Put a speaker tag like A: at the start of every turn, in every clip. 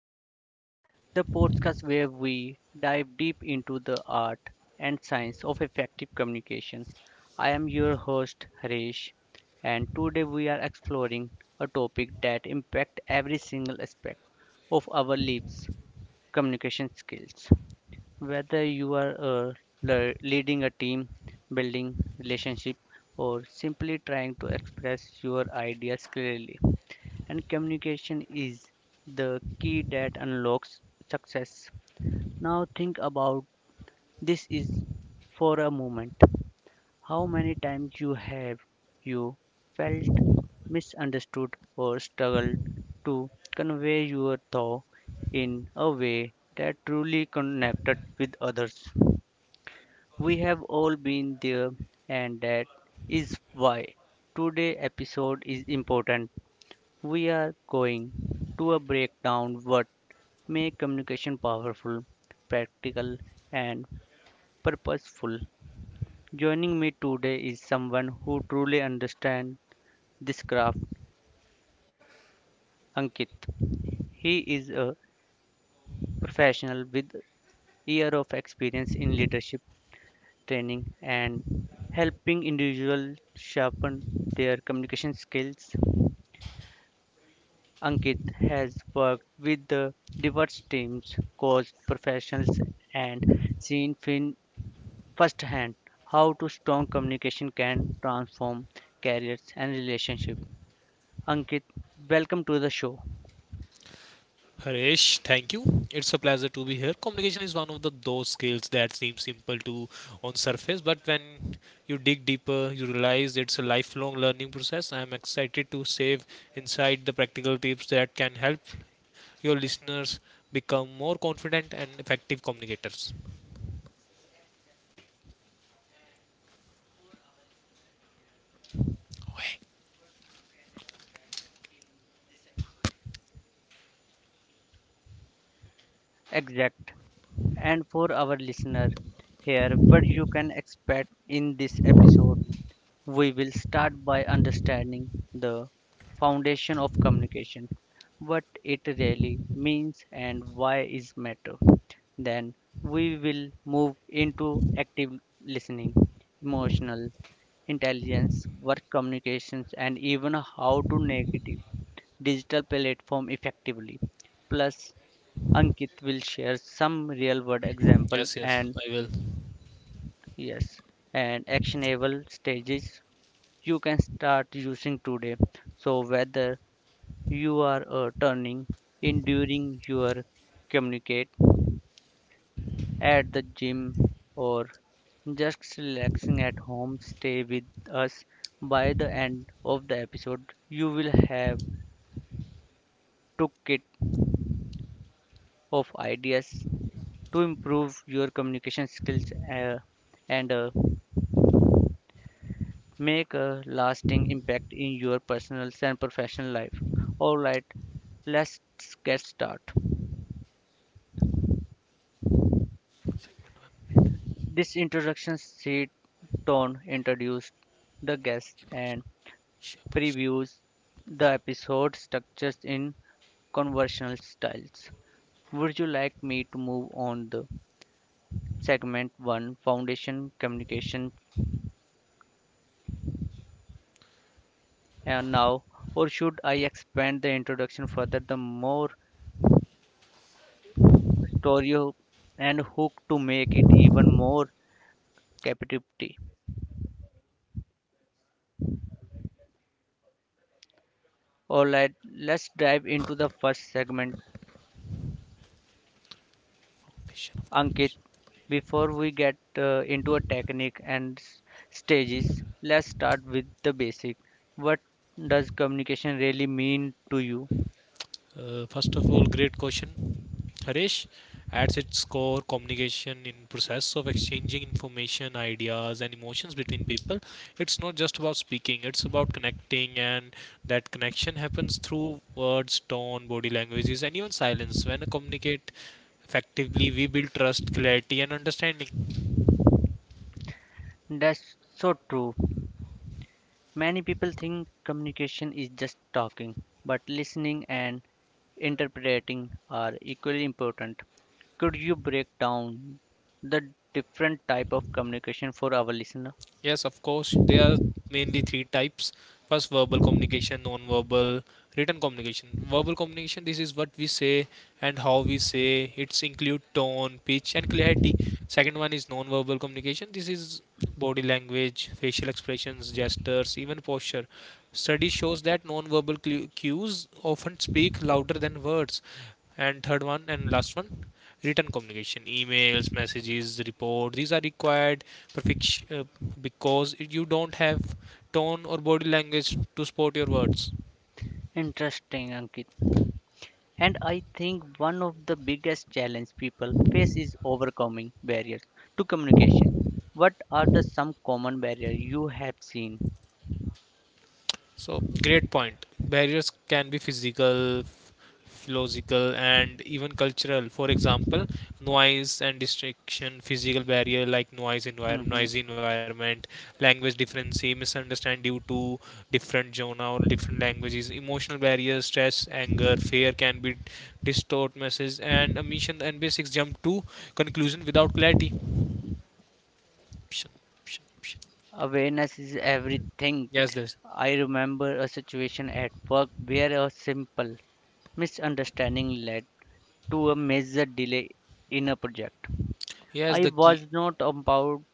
A: Edge, the podcast where we dive deep into the art and science of effective communications. I am your host Harish and today we are exploring a topic that impacts every single aspect of our lives, communication skills. Whether you are leading a team, building relationship or simply trying to express your ideas clearly and communication is the key that unlocks success. Now think about this is for a moment. How many times you have you felt misunderstood or struggled to convey your thought in a way that truly connected with others? We have all been there and that is why today episode is important, we are going to a breakdown what make communication powerful, practical and purposeful. Joining me today is someone who truly understands this craft, Ankit. He is a professional with years of experience in leadership training and helping individuals sharpen their communication skills. Ankit has worked with the diverse teams, coached professionals, and seen firsthand how to strong communication can transform careers and relationships. Ankit, welcome to the show.
B: Harish, thank you. It's a pleasure to be here. Communication is one of the those skills that seems simple to on surface, but when you dig deeper, you realize it's a lifelong learning process. I am excited to save inside the practical tips that can help your listeners become more confident and effective communicators.
A: Exact. And for our listener, here what you can expect in this episode. We will start by understanding the foundation of communication, what it really means and why is matter. Then we will move into active listening, emotional intelligence, work communications and even how to negative digital platform effectively. Plus Ankit will share some real world example
B: Yes, yes,
A: and
B: I will.
A: yes and actionable stages you can start using today. So whether you are turning in during your communicate at the gym or just relaxing at home, stay with us. By the end of the episode, you will have toolkit of ideas to improve your communication skills uh, and make a lasting impact in your personal and professional life. All right, let's get started. This introduction seat tone introduced the guest and previews the episode structures in conversational styles. Would you like me to move on the segment one, foundation communication, and now, or should I expand the introduction further? The more story and hook to make it even more captivating. All right, let's dive into the first segment.
B: Vision of
A: Ankit,
B: communication.
A: before we get into a technique and stages, let's start with the basic. What does communication really mean to you?
B: First of all, great question. Harish adds its core communication in process of exchanging information, ideas, and emotions between people. It's not just about speaking; it's about connecting, and that connection happens through words, tone, body languages, and even silence. When I communicate effectively, we build trust, clarity, and understanding.
A: That's so true. Many people think communication is just talking, but listening and interpreting are equally important. Could you break down the different type of communication for our listener?
B: Yes, of course. There are mainly three types. First, verbal communication, non-verbal, written communication. Verbal communication, this is what we say and how we say. It's include tone, pitch, and clarity. Second one is non-verbal communication. This is body language, facial expressions, gestures, even posture. Study shows that non-verbal cues often speak louder than words. And third one and last one, written communication, emails, messages, report, these are required perfection because you don't have tone or body language to support your words.
A: Interesting, Ankit. And I think one of the biggest challenge people face is overcoming barriers to communication. What are the some common barriers you have seen?
B: So, great point. Barriers can be physical, philosophical, and even cultural. For example, noise and distraction, physical barrier like noise environment,
A: Hmm.
B: noisy environment, language difference, misunderstand due to different genre or different languages, emotional barriers, stress, anger, fear can be distort message and omission and basics jump to conclusion without clarity. Option, option, option.
A: Awareness is everything.
B: Yes, this.
A: I remember a situation at work where a simple misunderstanding led to a major delay in a project.
B: Yes,
A: I
B: the key.
A: was not about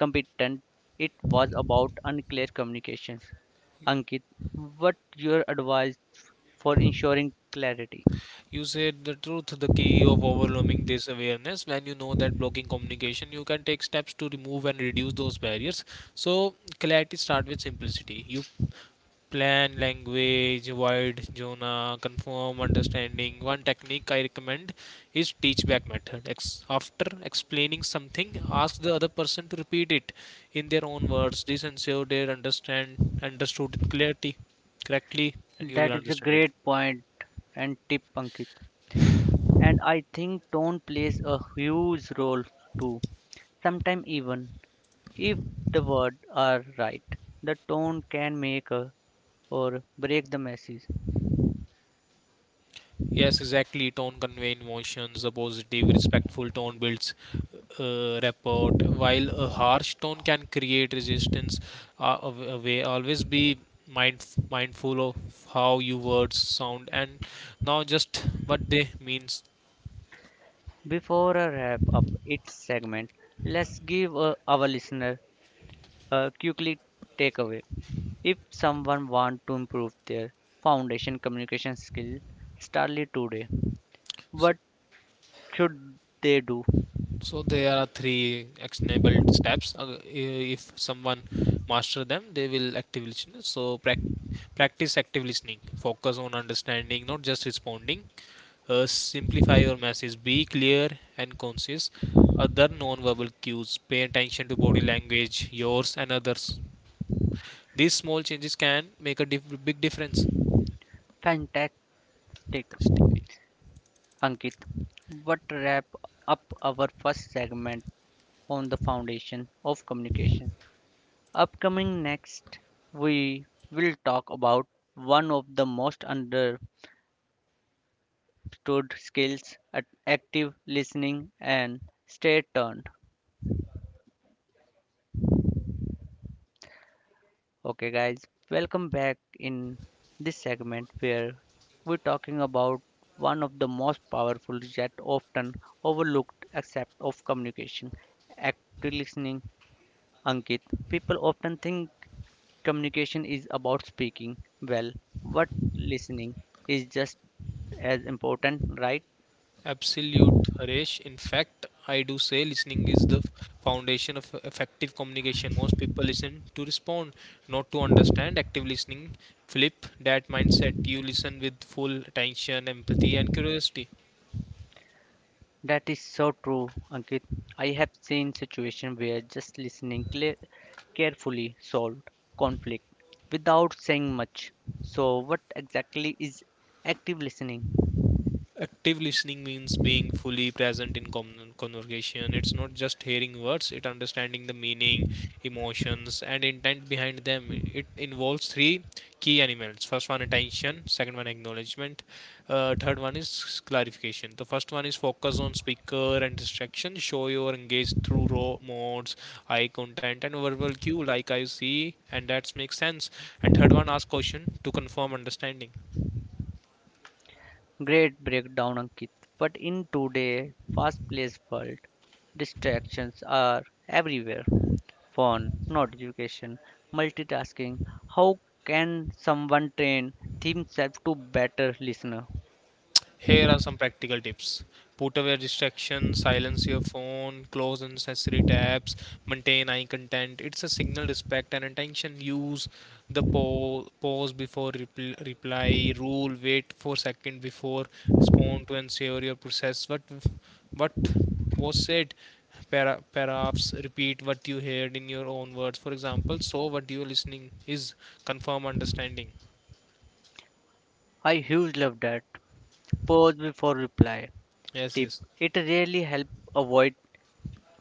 A: competent. It was about unclear communications. Ankit, what your advice for ensuring clarity?
B: You said the truth, the key of overcoming this awareness. When you know that blocking communication, you can take steps to remove and reduce those barriers. So, clarity starts with simplicity. You plan, language, wide zona, confirm, understanding. One technique I recommend is teach back method. After explaining something, ask the other person to repeat it in their own words. This ensures they understand understood it clarity correctly, and you will
A: That is a
B: understand it.
A: great point and tip, Ankit. And I think tone plays a huge role too. Sometimes even if the words are right, the tone can make a, or break the message.
B: Yes, exactly. Tone conveys emotions. A positive, respectful tone builds rapport, while a harsh tone can create resistance. Away. Always be mindful of how your words sound and not just what they means.
A: Before I wrap up its segment, let's give our listener quickly takeaway. If someone wants to improve their foundation communication skill, startly today.
B: So,
A: What should they do?
B: There are three actionable steps. If someone master them, they will active listening. So practice active listening. Focus on understanding, not just responding. Simplify your message. Be clear and concise. Other non-verbal cues. Pay attention to body language, yours and others. These small changes can make a big difference.
A: Fantastic,
B: Fantastic.
A: Ankit. What wrap up our first segment on the foundation of communication. Upcoming next, we will talk about one of the most understood skills active listening and stay tuned. Okay, guys, welcome back in this segment where we're talking about one of the most powerful yet often overlooked aspect of communication, active listening. Ankit, people often think communication is about speaking well, but listening is just as important, right?
B: Absolute, Haresh. In fact, I do say listening is the foundation of effective communication. Most people listen to respond, not to understand. Active listening, flip that mindset. You listen with full attention, empathy, and curiosity.
A: That is so true, Ankit. I have seen situations where just listening cle carefully solved conflict without saying much. So, what exactly is active listening?
B: Active listening means being fully present in conversation. It's not just hearing words, it understanding the meaning, emotions, and intent behind them. It involves three key elements: first one, attention; second one, acknowledgement; third one is clarification. The first one is focus on speaker and distraction, show your engaged through raw modes, eye content and verbal cue like I see and that makes sense. And third one, ask question to confirm understanding.
A: Great breakdown, Ankit. But in today's fast-paced world, distractions are everywhere. Phone, notification, multitasking. How can someone train themselves to better listener?
B: Here are some practical tips. Put away distractions, silence your phone, close unnecessary tabs, maintain eye contact. It's a signal respect and attention. Use the pause before reply rule. Wait for second before respond to ensure your process. What was said? Perhaps repeat what you heard in your own words. For example, so what you are listening is confirm understanding.
A: I huge love that. Pause before reply
B: Yes,
A: tip.
B: yes.
A: It really helps avoid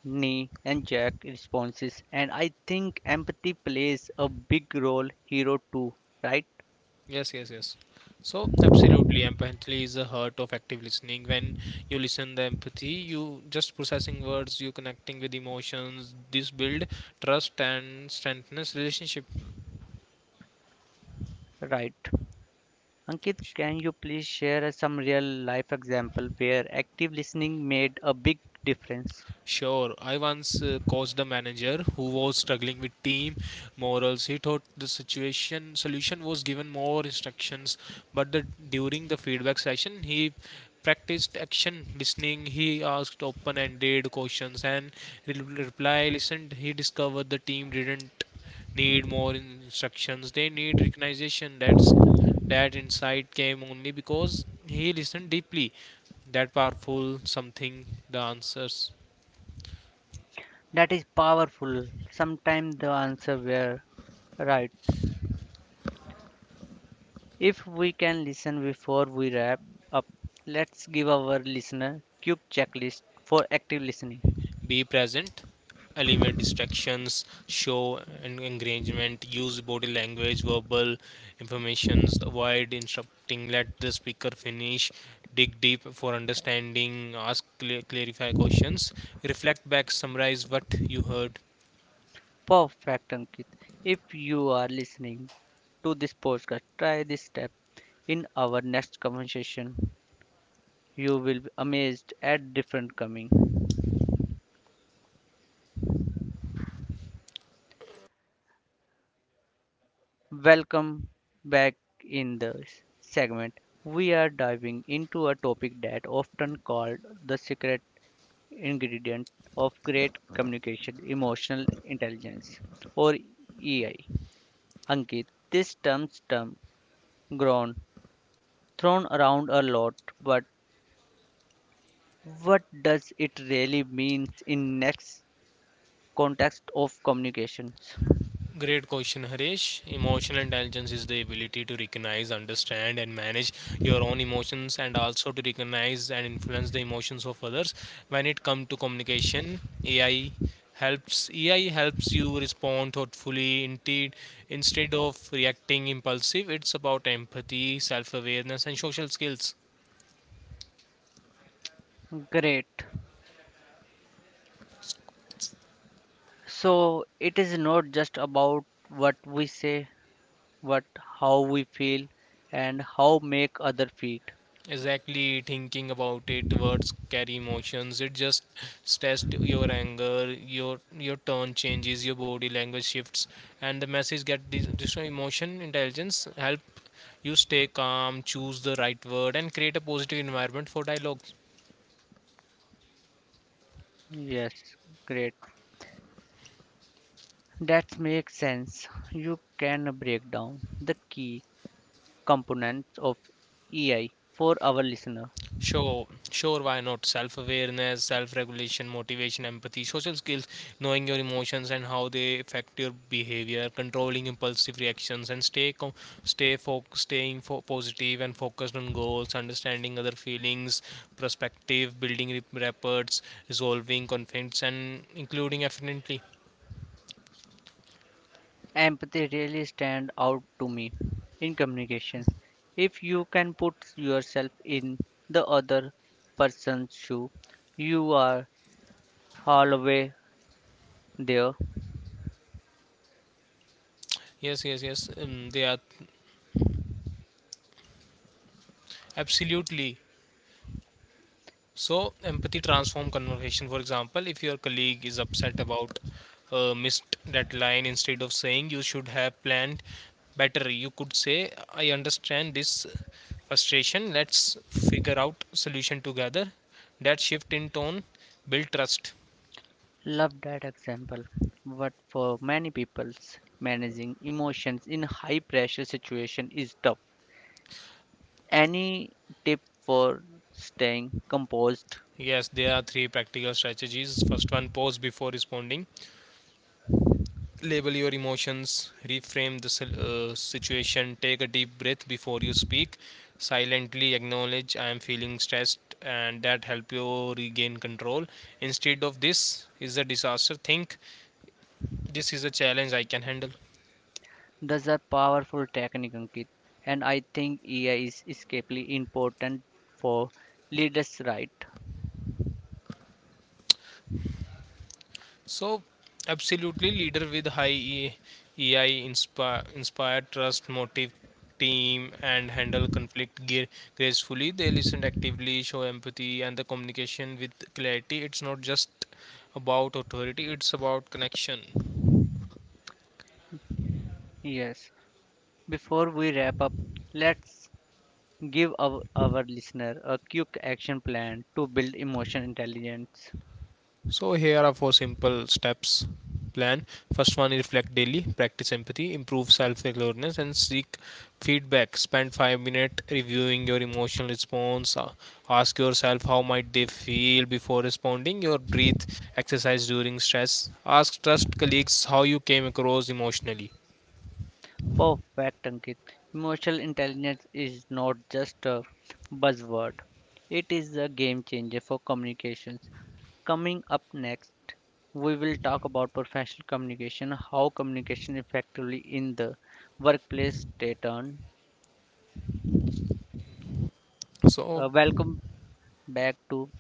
A: knee and jack responses, and I think empathy plays a big role here too, right?
B: Yes, yes, yes. So absolutely, empathy is the heart of active listening. When you listen the empathy, you just processing words, you connecting with emotions. This build trust and strengthens relationship.
A: Right. Ankit, can you please share some real life example where active listening made a big difference?
B: Sure, I once coached a manager who was struggling with team morals. He thought the situation solution was given more instructions, but during the feedback session, he practiced action listening. He asked open-ended questions and reply listened. He discovered the team didn't need more instructions. They need recognition. That insight came only because he listened deeply. That powerful something. The answers.
A: That is powerful. Sometimes the answer were right. If we can listen before we wrap up, let's give our listener quick checklist for active listening.
B: Be present, eliminate distractions, show and engagement, use body language, verbal informations, avoid interrupting, let the speaker finish, dig deep for understanding, ask clarify questions, reflect back, summarize what you heard.
A: Perfect, Ankit. If you are listening to this podcast, try this step. In our next conversation, you will be amazed at different coming. Welcome back in the segment. We are diving into a topic that often called the secret ingredient of great communication, emotional intelligence, or EI. Ankit, this term grown thrown around a lot, but what does it really means in next context of communications?
B: Great question, Harish. Emotional intelligence is the ability to recognize, understand, and manage your own emotions, and also to recognize and influence the emotions of others. When it comes to communication, AI helps you respond thoughtfully indeed instead of reacting impulsive. It's about empathy, self-awareness, and social skills.
A: Great. So it is not just about what we say, but how we feel and how make other feel.
B: Exactly, thinking about it, words carry emotions. It just stressed your anger, your tone changes, your body language shifts, and the message get this emotion intelligence help you stay calm, choose the right word, and create a positive environment for dialogue.
A: Yes, great. That makes sense. You can break down the key components of EI for our listener.
B: Sure, sure, why not? Self awareness, self regulation, motivation, empathy, social skills, knowing your emotions and how they affect your behavior, controlling impulsive reactions, and stay co- stay fo- staying fo- positive and focused on goals, understanding other feelings, perspective, building rapport, resolving conflicts, and including efficiently.
A: Empathy really stand out to me in communications. If you can put yourself in the other person's shoe, you are halfway there.
B: Yes, yes, yes, they are absolutely. So, empathy transform conversation. For example, if your colleague is upset about missed deadline, instead of saying you should have planned better, you could say, "I understand this frustration. Let's figure out solution together." That shift in tone build trust.
A: Love that example. But for many people, managing emotions in high pressure situation is tough. Any tip for staying composed?
B: Yes, there are three practical strategies. First one, pause before responding, label your emotions, reframe the situation, take a deep breath before you speak, silently acknowledge I am feeling stressed and that help you regain control. Instead of this is a disaster, think this is a challenge I can handle.
A: That's a powerful technique, Ankit, and I think AI is escapely important for leaders, right?
B: So, absolutely, leader with high EI inspire, trust, motive, team, and handle conflict gracefully. They listen actively, show empathy, and the communication with clarity. It's not just about authority; it's about connection.
A: Yes. Before we wrap up, let's give our listener a quick action plan to build emotional intelligence.
B: So here are four simple steps plan. First one is reflect daily, practice empathy, improve self-awareness and seek feedback. Spend 5 minutes reviewing your emotional response. Ask yourself how might they feel before responding. Your breathe exercise during stress. Ask trust colleagues how you came across emotionally.
A: Perfect, Ankit. Emotional intelligence is not just a buzzword, it is a game changer for communications. Coming up next, we will talk about professional communication, how communication effectively in the workplace stay on.
B: So
A: Welcome back to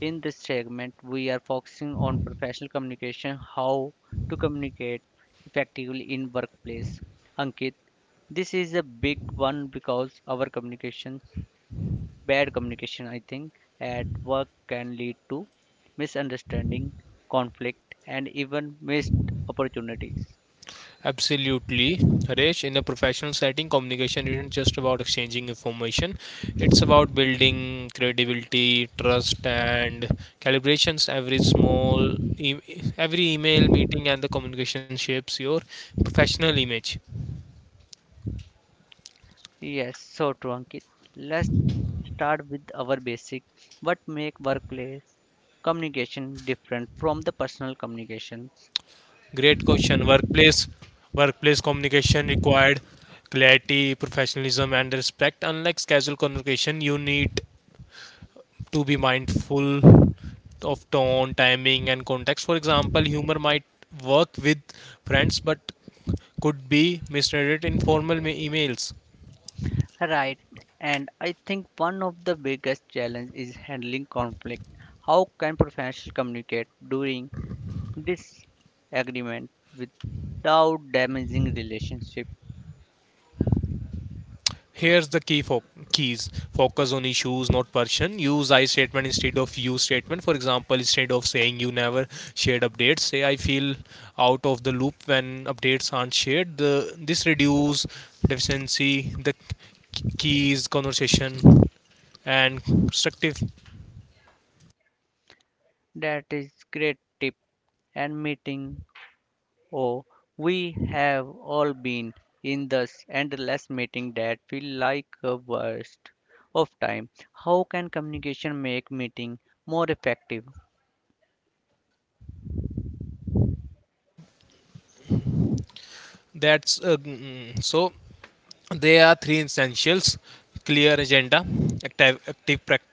A: in this segment, we are focusing on professional communication, how to communicate effectively in workplace. Ankit, this is a big one because our communications, bad communication, I think, at work can lead to misunderstanding, conflict, and even missed opportunities.
B: absolutely, Harish. In a professional setting, communication isn't just about exchanging information. It's about building credibility, trust, and calibrations. Every email, meeting and the communication shapes your professional image.
A: Yes, so true, Ankit. Let's start with our basic. What make workplace communication different from the personal communication?
B: Great question. Workplace communication required clarity, professionalism, and respect. Unlike casual communication, you need to be mindful of tone, timing, and context. For example, humor might work with friends but could be misread in formal emails.
A: Right, and I think one of the biggest challenge is handling conflict. How can professionals communicate during disagreement without damaging relationship?
B: Here's the keys, focus on issues, not person. Use I statement instead of you statement. For example, instead of saying you never shared updates, say I feel out of the loop when updates aren't shared. This reduce deficiency, the keys, conversation, and constructive.
A: That is great tip and meeting. Oh, we have all been in this endless meeting that feel like a waste of time. How can communication make meeting more effective?
B: So that's mm. So there are three essentials: clear agenda, active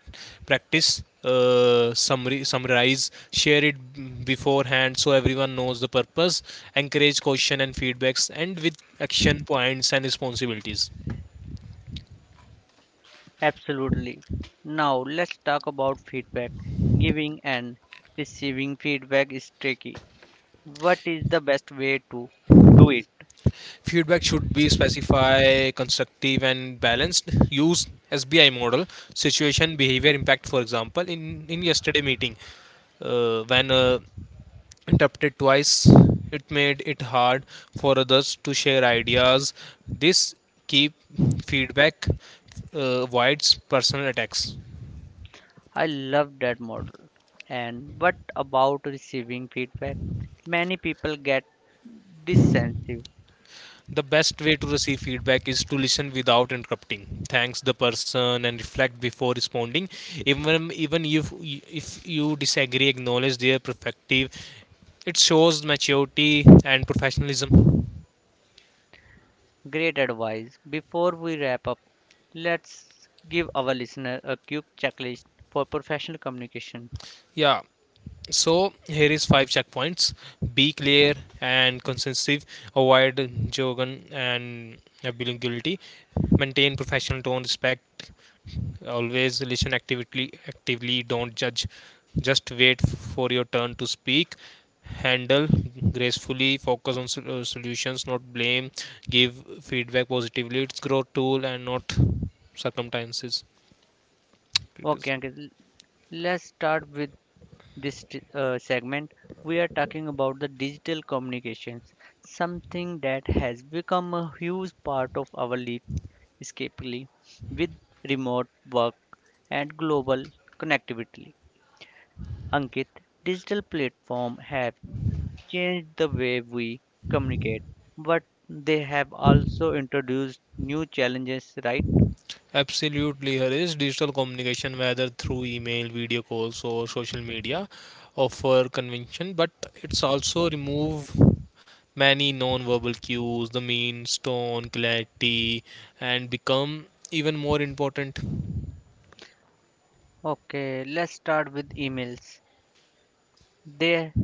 B: practice, summary, summarize, share it beforehand, so everyone knows the purpose. Encourage question and feedbacks and with action points and responsibilities.
A: Absolutely. Now let's talk about feedback. Giving and receiving feedback is tricky. What is the best way to do it?
B: Feedback should be specify, constructive and balanced, use sbi model, situation, behavior, impact. For example, in yesterday meeting, when interpreted twice, it made it hard for others to share ideas. This keep feedback, avoids personal attacks.
A: I love that model. And what about receiving feedback? Many people get dissensive.
B: The best way to receive feedback is to listen without interrupting, thanks the person and reflect before responding. Even if you disagree, acknowledge their perspective. It shows maturity and professionalism.
A: Great advice. Before we wrap up, let's give our listener a quick checklist for professional communication.
B: Yeah. So here is five checkpoints: be clear and concisive, avoid jargon and ambiguity, maintain professional tone, respect, always listen actively. Actively, don't judge. Just wait for your turn to speak. Handle gracefully, focus on solutions, not blame. Give feedback positively. It's growth tool and not circumstances.
A: Okay,
B: Criticism.
A: Ankit, let's start with this segment, we are talking about the digital communications, something that has become a huge part of our landscape with remote work and global connectivity. Ankit, digital platforms have changed the way we communicate, but they have also introduced new challenges, right?
B: Absolutely, Harish. Digital communication, whether through email, video calls, or social media, offer convention, but it's also remove many non-verbal cues, the means, tone, clarity, and become even more important.
A: Okay, let's start with emails. They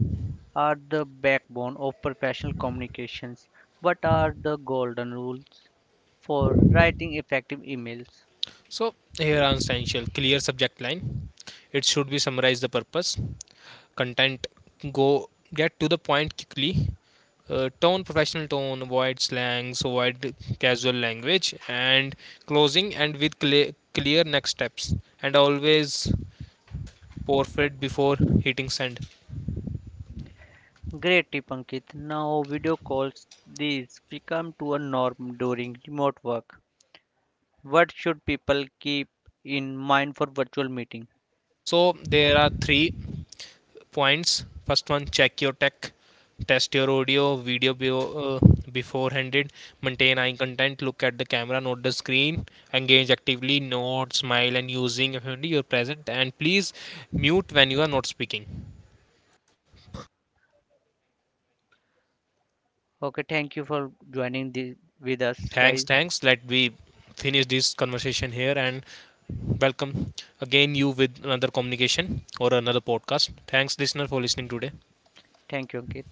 A: are the backbone of professional communications. What are the golden rules for writing effective emails?
B: So here are essential: clear subject line. It should be summarize the purpose, content. Go get to the point quickly. Tone, professional tone, avoid slangs, avoid casual language, and closing and with clear next steps, and always forfeit before hitting send.
A: Great tip, Ankit. Now, video calls, these become to a norm during remote work. What should people keep in mind for virtual meeting?
B: So there are three points: first one, check your tech, test your audio video beforehanded, maintain eye contact, look at the camera not the screen, engage actively, nod, smile and using your present, and please mute when you are not speaking.
A: Okay, thank you for joining the, with us,
B: Thanks,
A: guys.
B: thanks. Let we finish this conversation here and welcome again you with another communication or another podcast. Thanks, listener, for listening today.
A: Thank you, Ankit.